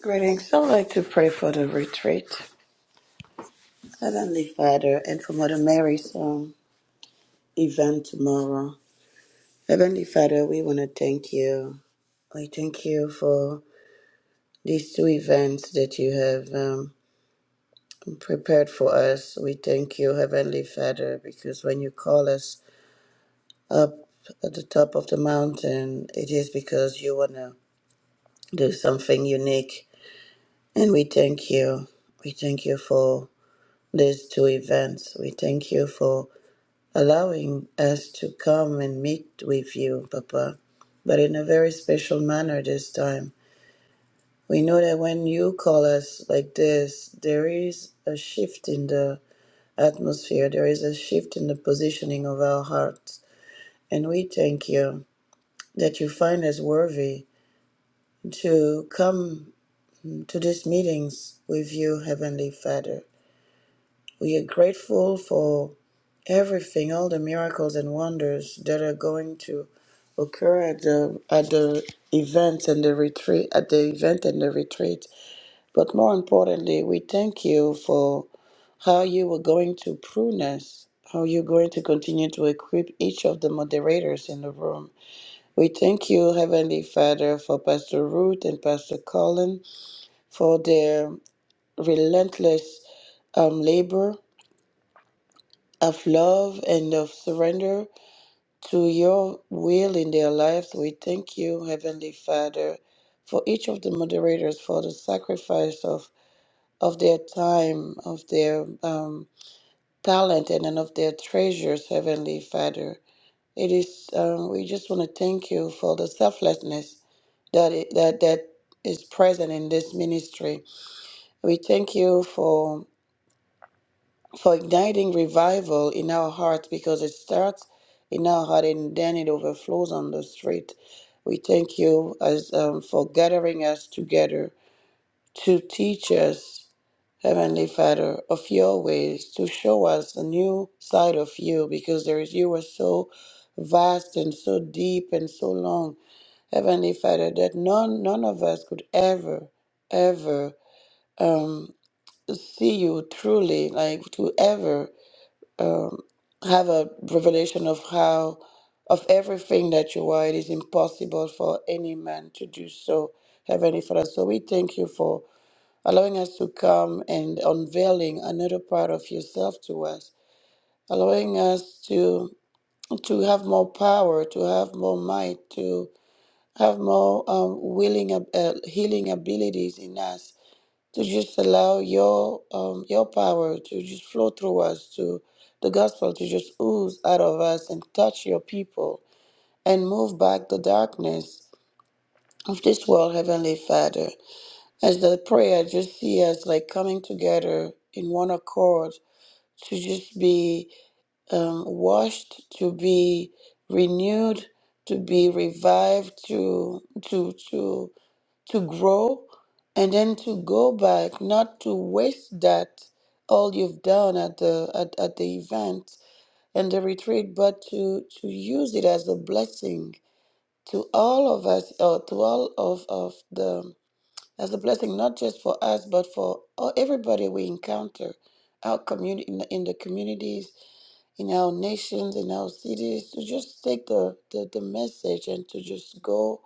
[SPEAKER 3] Greetings. I'd like to pray for the retreat. Heavenly Father, and for Mother Mary's um, event tomorrow. Heavenly Father, we want to thank you. We thank you for these two events that you have. um, prepared for us. We thank you, Heavenly Father, because when you call us up at the top of the mountain, it is because you want to do something unique. And we thank you. We thank you for these two events. We thank you for allowing us to come and meet with you, Papa, but in a very special manner this time. We know that when you call us like this, there is a shift in the atmosphere, there is a shift in the positioning of our hearts. And we thank you that you find us worthy to come to these meetings with you, Heavenly Father. We are grateful for everything, all the miracles and wonders that are going to occur at the at the events and the retreat at the event and the retreat. But more importantly, we thank you for how you were going to prune us, how you're going to continue to equip each of the moderators in the room. We thank you, Heavenly Father, for Pastor Ruth and Pastor Colin for their relentless um, labor of love and of surrender to your will in their lives. We thank you, Heavenly Father, for each of the moderators for the sacrifice of of their time, of their um, talent, and then of their treasures, Heavenly Father. It is um, we just want to thank you for the selflessness that it, that that is present in this ministry. We thank you for for igniting revival in our hearts because it starts in our heart and then it overflows on the street. We thank you as um, for gathering us together to teach us, Heavenly Father, of your ways, to show us a new side of you, because there is you are so vast and so deep and so long, Heavenly Father, that none none of us could ever, ever um, see you truly, like to ever um, have a revelation of how of everything that you are. It is impossible for any man to do so, Heavenly Father. So we thank you for allowing us to come and unveiling another part of yourself to us, allowing us to to have more power, to have more might, to have more um, willing ab- uh, healing abilities in us, to just allow your um, your power to just flow through us, to the gospel to just ooze out of us and touch your people and move back the darkness of this world, Heavenly Father. As the prayer, I just see us like coming together in one accord to just be um, washed, to be renewed, to be revived, to to to to grow, and then to go back, not to waste that all you've done at the at, at the event and the retreat, but to to use it as a blessing to all of us, or to all of of the. That's a blessing not just for us, but for all, everybody we encounter, our community in, the- in the communities, in our nations, in our cities, to just take the, the, the message and to just go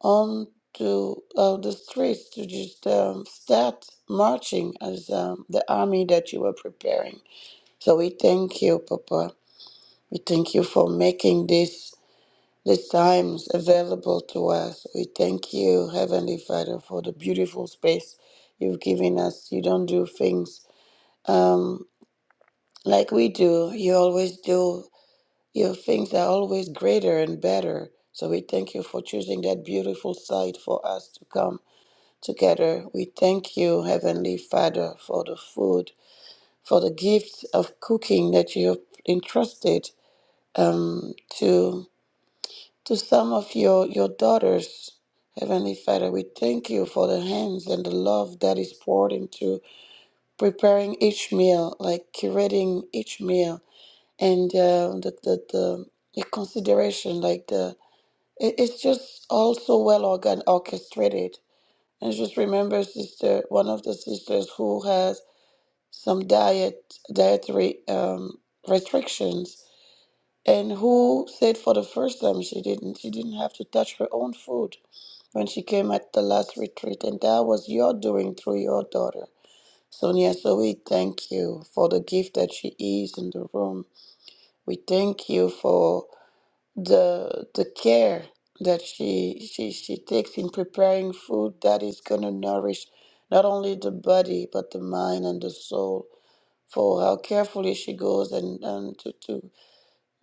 [SPEAKER 3] on to uh, the streets to just um, start marching as um, the army that you were preparing. So we thank you, Papa. We thank you for making this the times available to us. We thank you, Heavenly Father, for the beautiful space you've given us. You don't do things um, like we do. You always do. Your things are always greater and better. So we thank you for choosing that beautiful site for us to come together. We thank you, Heavenly Father, for the food, for the gift of cooking that you have entrusted um, to. to some of your, your daughters, Heavenly Father. We thank you for the hands and the love that is poured into preparing each meal, like curating each meal, and uh, the, the, the, the consideration, like the it, it's just all so well organ orchestrated. And just remember, sister, one of the sisters who has some diet dietary um, restrictions and who said for the first time she didn't she didn't have to touch her own food when she came at the last retreat and that was your doing through your daughter sonia so we thank you for the gift that she is in the room we thank you for the the care that she she she takes in preparing food that is going to nourish not only the body but the mind and the soul for how carefully she goes and, and to, to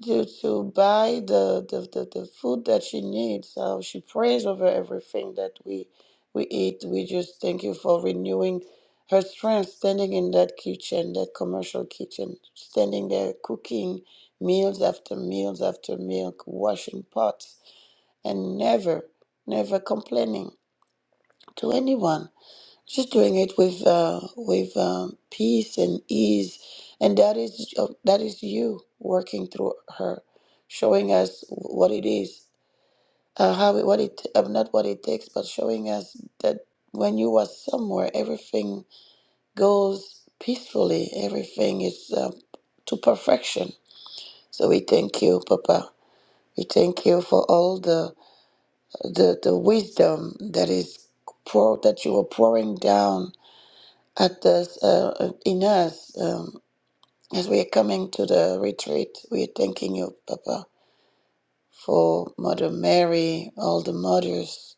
[SPEAKER 3] to to buy the, the, the, the food that she needs. Uh, she prays over everything that we we eat. We just thank you for renewing her strength, standing in that kitchen, that commercial kitchen, standing there cooking meals after meals after meal, washing pots, and never, never complaining to anyone She's doing it with uh, with um, peace and ease, and that is uh, that is you working through her, showing us what it is, uh, how it, what it uh, not what it takes, but showing us that when you are somewhere, everything goes peacefully. Everything is uh, to perfection. So we thank you, Papa. We thank you for all the the, the wisdom that is pour, that you are pouring down at this uh, uh, in us um, as we are coming to the retreat we are thanking you papa for mother mary all the mothers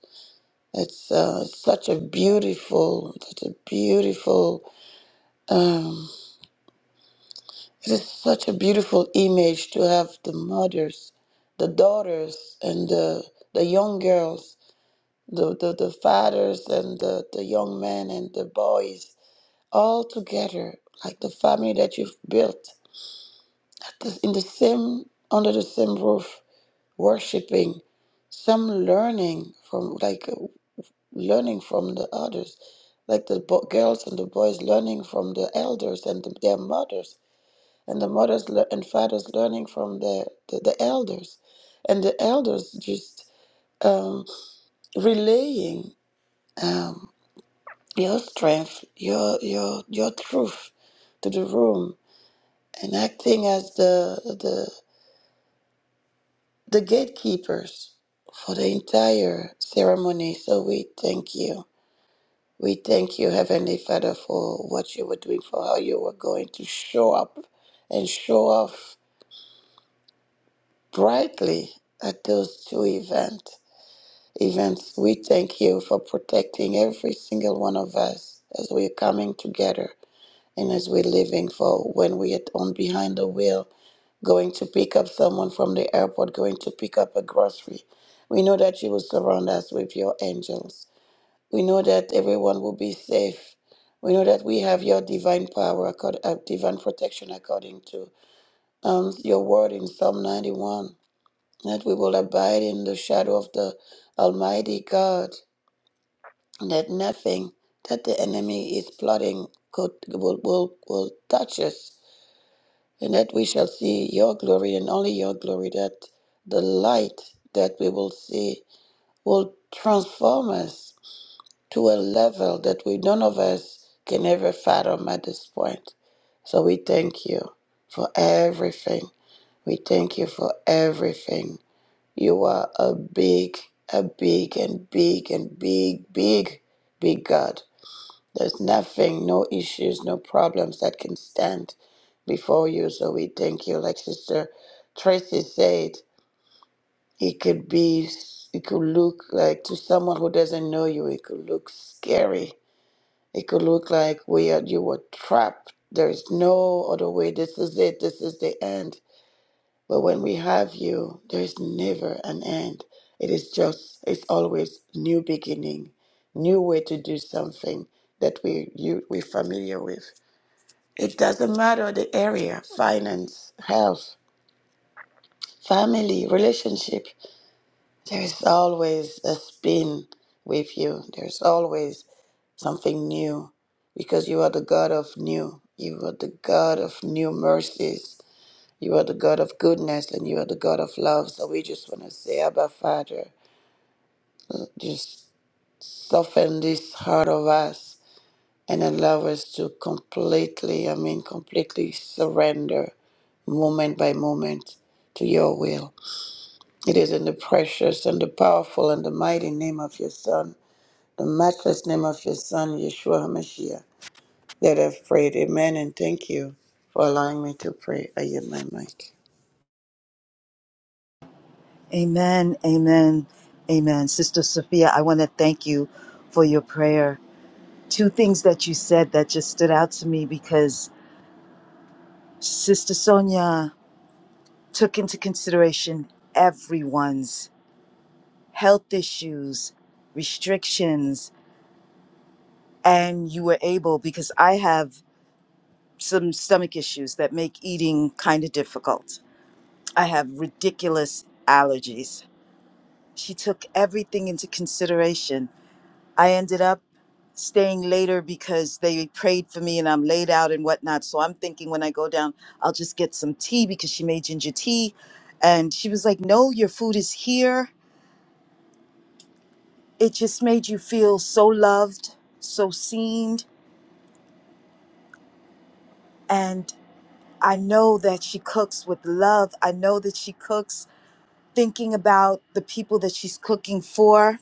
[SPEAKER 3] it's uh, such a beautiful such a beautiful um, it is such a beautiful image to have the mothers the daughters and the the young girls the, the, the fathers and the, the young men and the boys all together like the family that you've built Because in the same, under the same roof, worshiping, some learning from, like, uh, learning from the others, like the bo- girls and the boys learning from the elders and the, their mothers, and the mothers lear and fathers learning from the, the, the elders, and the elders just um, relaying um, your strength, your your your truth to the room, and acting as the the gatekeepers for the entire ceremony. So we thank you. We thank you, Heavenly Father, for what you were doing, for how you were going to show up and show off brightly at those two event, events. We thank you for protecting every single one of us as we're coming together and as we're living for when we are on behind the wheel going to pick up someone from the airport, going to pick up a grocery. We know that you will surround us with your angels. We know that everyone will be safe. We know that we have your divine power, accord- uh, divine protection according to um, your word in Psalm 91, that we will abide in the shadow of the Almighty God, that nothing that the enemy is plotting could, will, will, will touch us and that we shall see your glory and only your glory, that the light that we will see will transform us to a level that we none of us can ever fathom at this point. So we thank you for everything. We thank you for everything. You are a big, a big, and big, and big, big, big God. There's nothing, no issues, no problems that can stand before you. So we thank you. Like Sister Tracy said, it could be, it could look like to someone who doesn't know you, it could look scary. It could look like we are, you were trapped. There is no other way. This is it. This is the end. But when we have you, there is never an end. It is just, it's always new beginning, new way to do something that we you we familiar with. It doesn't matter the area, finance, health, family, relationship. There's always a spin with you. There's always something new because you are the God of new. You are the God of new mercies. You are the God of goodness and you are the God of love. So we just want to say, Abba, Father, just soften this heart of us and allow us to completely, I mean, completely surrender moment by moment to your will. It is in the precious and the powerful and the mighty name of your Son, the matchless name of your Son, Yeshua HaMashiach, that I've prayed. Amen. And thank you for allowing me to pray. I yield my mic.
[SPEAKER 1] Amen, amen, amen. Sister Sophia, I want to thank you for your prayer. Two things that you said that just stood out to me because Sister Sonia took into consideration everyone's health issues, restrictions, and you were able, because I have some stomach issues that make eating kind of difficult I have ridiculous allergies. She took everything into consideration. I ended up staying later because they prayed for me and I'm laid out and whatnot. So I'm thinking when I go down, I'll just get some tea because she made ginger tea. And she was like, No, your food is here. It just made you feel so loved, so seen. And I know that she cooks with love. I know that she cooks thinking about the people that she's cooking for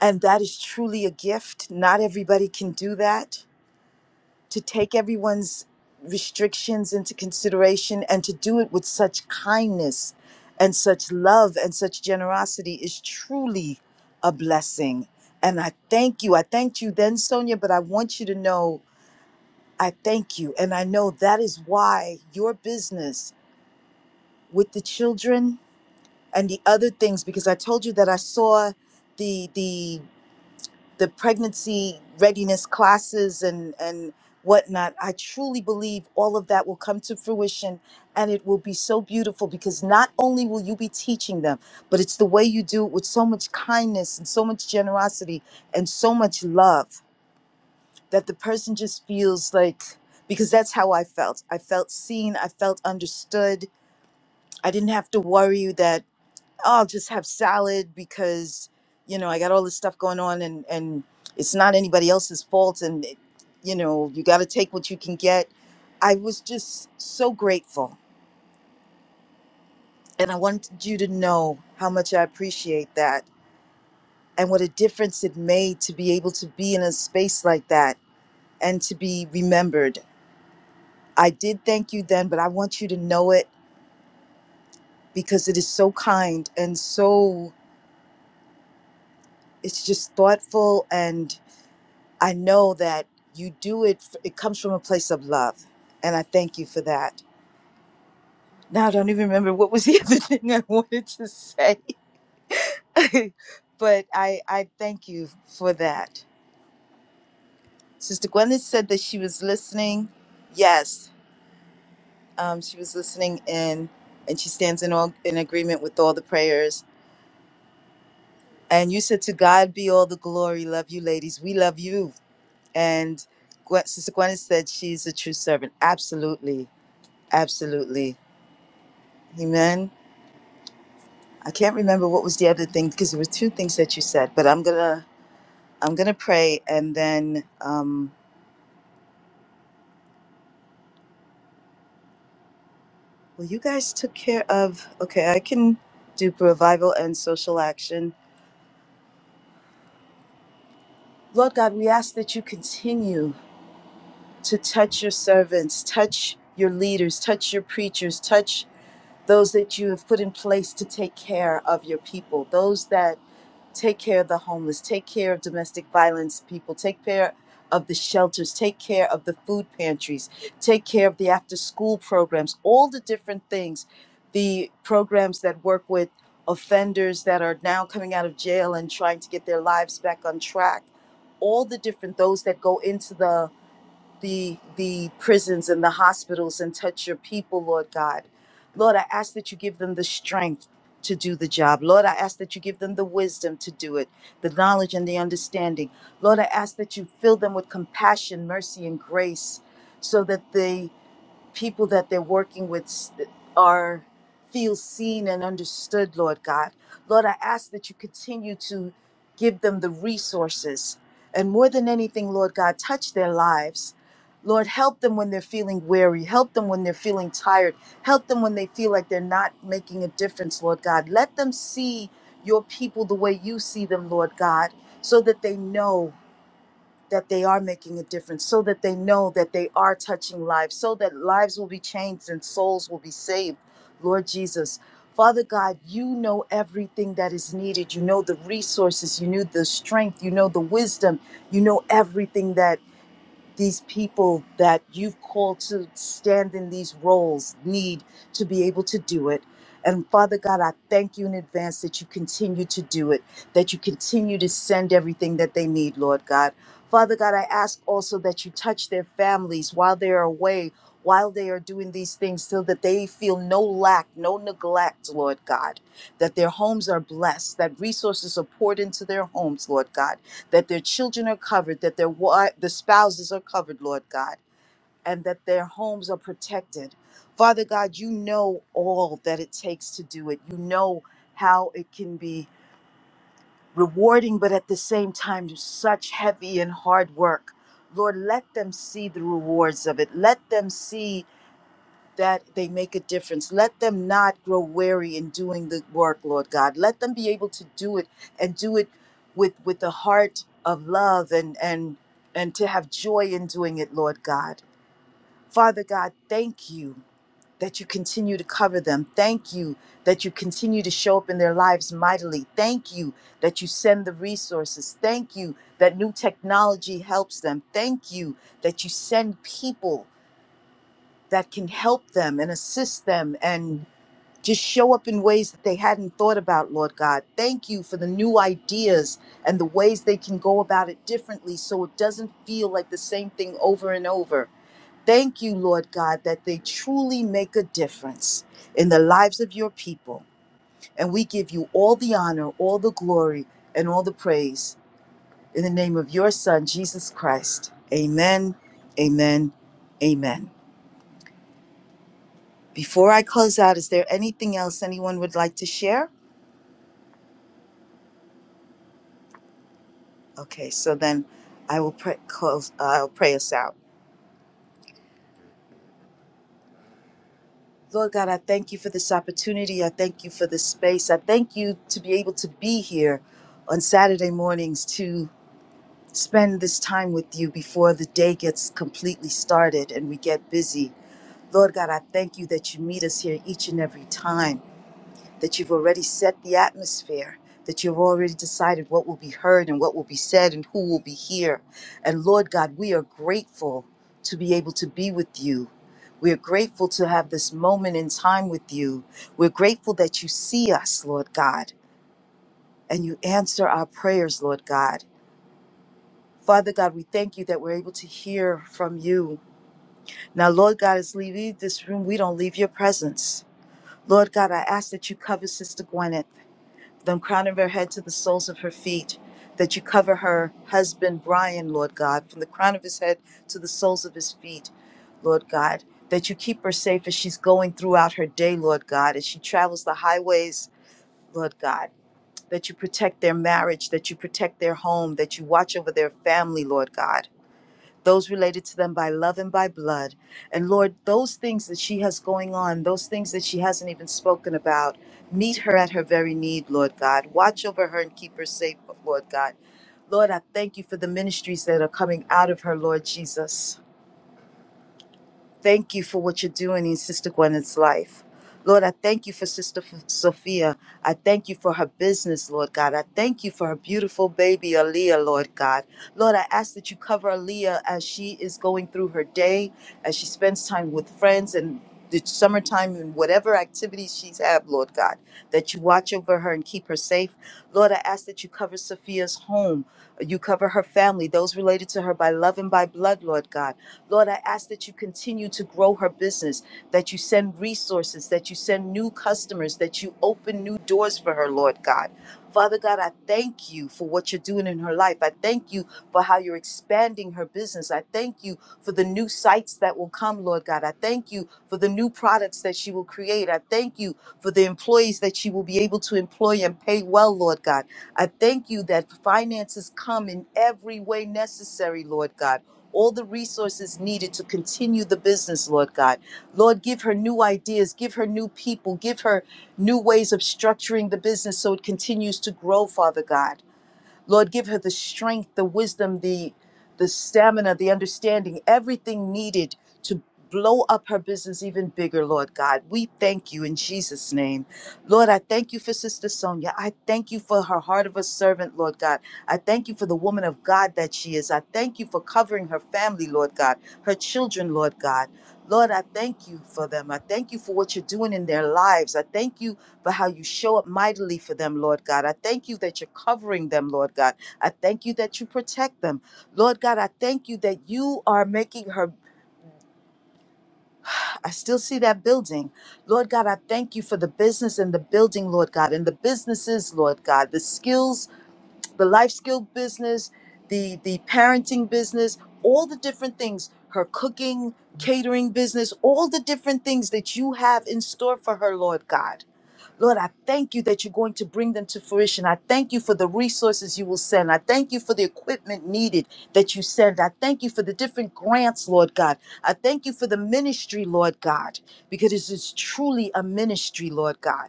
[SPEAKER 1] And that is truly a gift. Not everybody can do that. To take everyone's restrictions into consideration and to do it with such kindness and such love and such generosity is truly a blessing. And I thank you. I thanked you then, Sonia, but I want you to know I thank you. And I know that is why your business with the children and the other things, because I told you that I saw the the the pregnancy readiness classes and and whatnot i truly believe all of that will come to fruition and it will be so beautiful because not only will you be teaching them but it's the way you do it with so much kindness and so much generosity and so much love that the person just feels like because that's how i felt i felt seen i felt understood i didn't have to worry that I'll just have salad because you know I got all this stuff going on and and it's not anybody else's fault and it, you know you got to take what you can get. I was just so grateful and I wanted you to know how much I appreciate that and what a difference it made to be able to be in a space like that and to be remembered. I did thank you then, but I want you to know it because it is so kind and so it's just thoughtful and. I know that you do it, f- it comes from a place of love. And I thank you for that. Now I don't even remember what was the other thing I wanted to say, but I, I thank you for that. Sister Gwyneth said that she was listening. Yes, um, she was listening in, and she stands in all in agreement with all the prayers. And you said, "To God be all the glory." Love you, ladies. We love you. And Gwen, Sister Gwyneth said she's a true servant. Absolutely, absolutely Amen. I can't remember what was the other thing because there were two things that you said, but I'm gonna I'm gonna pray and then um well you guys took care of okay, I can do revival and social action. Lord God, we ask that you continue to touch your servants, touch your leaders, touch your preachers, touch those that you have put in place to take care of your people, those that take care of the homeless, take care of domestic violence people, take care of the shelters, take care of the food pantries, take care of the after school programs, all the different things, the programs that work with offenders that are now coming out of jail and trying to get their lives back on track, all the different those that go into the the the prisons and the hospitals and touch your people, Lord God. Lord, I ask that you give them the strength to do the job. Lord, I ask that you give them the wisdom to do it, the knowledge and the understanding. Lord, I ask that you fill them with compassion, mercy, and grace so that they people that they're working with s- are feel seen and understood lord god lord i ask that you continue to give them the resources and more than anything lord god touch their lives lord help them when they're feeling weary help them when they're feeling tired help them when they feel like they're not making a difference lord god let them see your people the way you see them lord god so that they know that they are making a difference, so that they know that they are touching lives, so that lives will be changed and souls will be saved. Lord Jesus, Father God, you know everything that is needed. You know the resources, you know the strength, you know the wisdom, you know everything that these people that you've called to stand in these roles need to be able to do it. And Father God, I thank you in advance that you continue to do it, that you continue to send everything that they need, Lord God. Father God, I ask also that you touch their families while they are away, while they are doing these things, so that they feel no lack, no neglect, Lord God, that their homes are blessed, that resources are poured into their homes, Lord God that their children are covered, that their wi- the spouses are covered, Lord God, and that their homes are protected. Father God, you know all that it takes to do it. You know how it can be rewarding, but at the same time, such heavy and hard work. Lord, let them see the rewards of it. Let them see that they make a difference. Let them not grow weary in doing the work, Lord God. Let them be able to do it and do it with with the heart of love and and and to have joy in doing it, Lord God. Father God, thank you that you continue to cover them. Thank you that you continue to show up in their lives mightily. Thank you that you send the resources. Thank you that new technology helps them. Thank you that you send people that can help them and assist them and just show up in ways that they hadn't thought about, Lord God. Thank you for the new ideas and the ways they can go about it differently so it doesn't feel like the same thing over and over. Thank you, Lord God, that they truly make a difference in the lives of your people. And we give you all the honor, all the glory, and all the praise in the name of your Son, Jesus Christ. Amen, amen, amen. Before I close out, is there anything else anyone would like to share? Okay, so then I will pray, close. Uh, I'll pray us out. Lord God, I thank you for this opportunity. I thank you for this space. I thank you to be able to be here on Saturday mornings to spend this time with you before the day gets completely started and we get busy. Lord God, I thank you that you meet us here each and every time. that you've already set the atmosphere, that you've already decided what will be heard and what will be said and who will be here. And Lord God, we are grateful to be able to be with you. We are grateful to have this moment in time with you. We're grateful that you see us, Lord God, and you answer our prayers, Lord God. Father God, we thank you that we're able to hear from you. Now, Lord God, as we leave this room, we don't leave your presence. Lord God, I ask that you cover Sister Gwyneth. the crown of her head to the soles of her feet, that you cover her husband, Brian, Lord God, from the crown of his head to the soles of his feet, Lord God, that you keep her safe as she's going throughout her day, Lord God, as she travels the highways, Lord God, that you protect their marriage, that you protect their home, that you watch over their family, Lord God those related to them by love and by blood. And Lord, those things that she has going on, those things that she hasn't even spoken about, meet her at her very need, Lord God. Watch over her and keep her safe, Lord God. Lord, I thank you for the ministries that are coming out of her, Lord Jesus. Thank you for what you're doing in Sister Gwyneth's life. Lord, I thank you for Sister F- Sophia. I thank you for her business, Lord God. I thank you for her beautiful baby, Aaliyah, Lord God. Lord, I ask that you cover Aaliyah as she is going through her day, as she spends time with friends and the summertime and whatever activities she's have, Lord God, that you watch over her and keep her safe. Lord, I ask that you cover Sophia's home. You cover her family, those related to her by love and by blood, Lord God. Lord, I ask that you continue to grow her business, that you send resources, that you send new customers, that you open new doors for her, Lord God. Father God, I thank you for what you're doing in her life. I thank you for how you're expanding her business. I thank you for the new sites that will come, Lord God. I thank you for the new products that she will create. I thank you for the employees that she will be able to employ and pay well, Lord God. I thank you that finances come in every way necessary, Lord God all the resources needed to continue the business, Lord God. Lord, give her new ideas, give her new people, give her new ways of structuring the business so it continues to grow, Father God. Lord, give her the strength, the wisdom, the the stamina, the understanding, everything needed to blow up her business even bigger, Lord God. We thank you in Jesus' name. Lord, I thank you for Sister Sonia. I thank you for her heart of a servant, Lord God. I thank you for the woman of God that she is. I thank you for covering her family, Lord God, her children, Lord God. Lord, I thank you for them. I thank you for what you're doing in their lives. I thank you but how you show up mightily for them, Lord God. I thank you that you're covering them, Lord God. I thank you that you protect them. Lord God, I thank you that you are making her. I still see that building. Lord God, I thank you for the business and the building, Lord God, and the businesses, Lord God, the skills, the life skill business, the, the parenting business, all the different things, her cooking, catering business, all the different things that you have in store for her, Lord God. Lord, I thank you that you're going to bring them to fruition. I thank you for the resources you will send. I thank you for the equipment needed that you send. I thank you for the different grants, Lord God. I thank you for the ministry, Lord God, because this is truly a ministry, Lord God.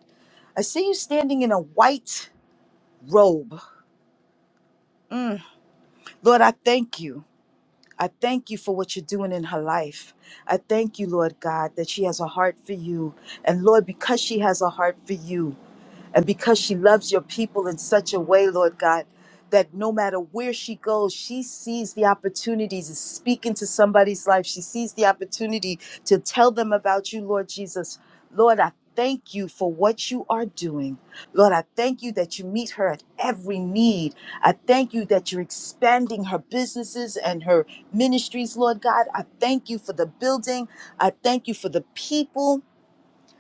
[SPEAKER 1] I see you standing in a white robe. Mm. Lord, I thank you. I thank you for what you're doing in her life. I thank you, Lord God, that she has a heart for you. And Lord, because she has a heart for you, And because she loves your people in such a way, Lord God, that no matter where she goes, she sees the opportunities to speak into somebody's life. She sees the opportunity to tell them about you, Lord Jesus. Lord, I thank you for what you are doing. Lord, I thank you that you meet her at every need. I thank you that you're expanding her businesses and her ministries, Lord God. I thank you for the building. I thank you for the people.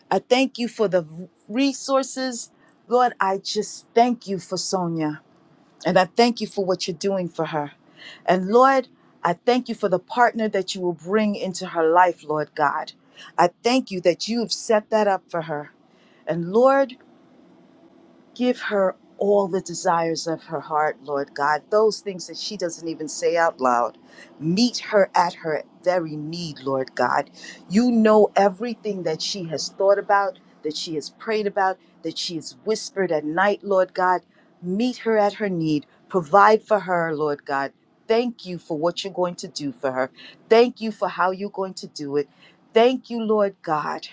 [SPEAKER 1] I thank you for the resources. Lord, I just thank you for Sonia. And I thank you for what you're doing for her. And Lord, I thank you for the partner that you will bring into her life, Lord God. I thank you that you have set that up for her. And Lord, Give her all the desires of her heart, Lord God, those things that she doesn't even say out loud. Meet her at her very need, Lord God. You know everything that she has thought about, that she has prayed about, that she has whispered at night, Lord God. Meet her at her need. Provide for her, Lord God. Thank you for what you're going to do for her. Thank you for how you're going to do it. Thank you, Lord God.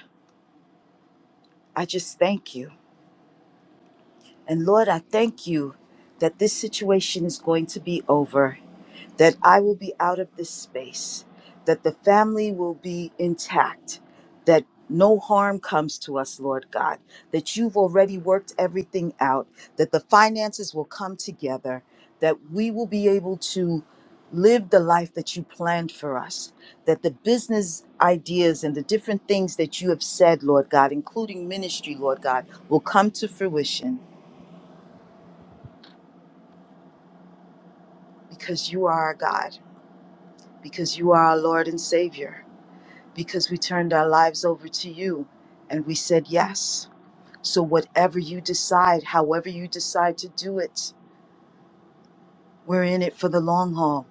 [SPEAKER 1] I just thank you. And Lord, I thank you that this situation is going to be over, that I will be out of this space, that the family will be intact, that no harm comes to us, Lord God, that you've already worked everything out, that the finances will come together, that we will be able to live the life that you planned for us, that the business ideas and the different things that you have said, Lord God, including ministry, Lord God, will come to fruition because you are our God, because you are our Lord and Savior, because we turned our lives over to you and we said yes. So, whatever you decide, however you decide to do it, we're in it for the long haul.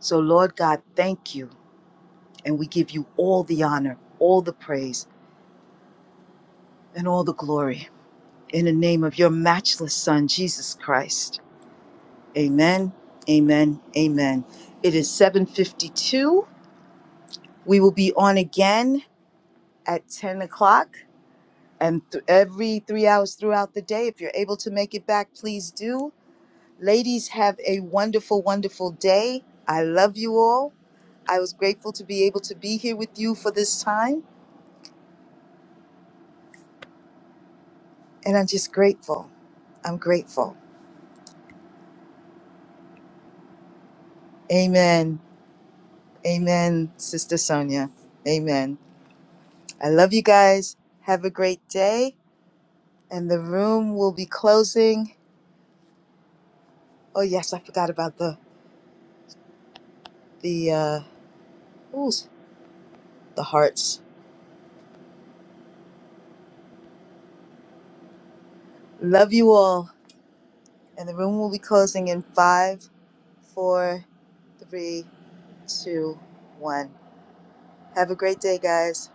[SPEAKER 1] So, Lord God, thank you. And we give you all the honor, all the praise, and all the glory in the name of your matchless Son, Jesus Christ. Amen. Amen. Amen. It is 752. We will be on again at 10 o'clock and th- every three hours throughout the day. If you're able to make it back, please do. Ladies, have a wonderful, wonderful day. I love you all. I was grateful to be able to be here with you for this time, and I'm just grateful. I'm grateful. Amen. Amen, Sister Sonia. Amen. I love you guys. Have a great day. And the room will be closing. Oh yes, I forgot about the the uh, ooh, the hearts. Love you all. And the room will be closing in five, four, three, two, one. Have a great day, guys.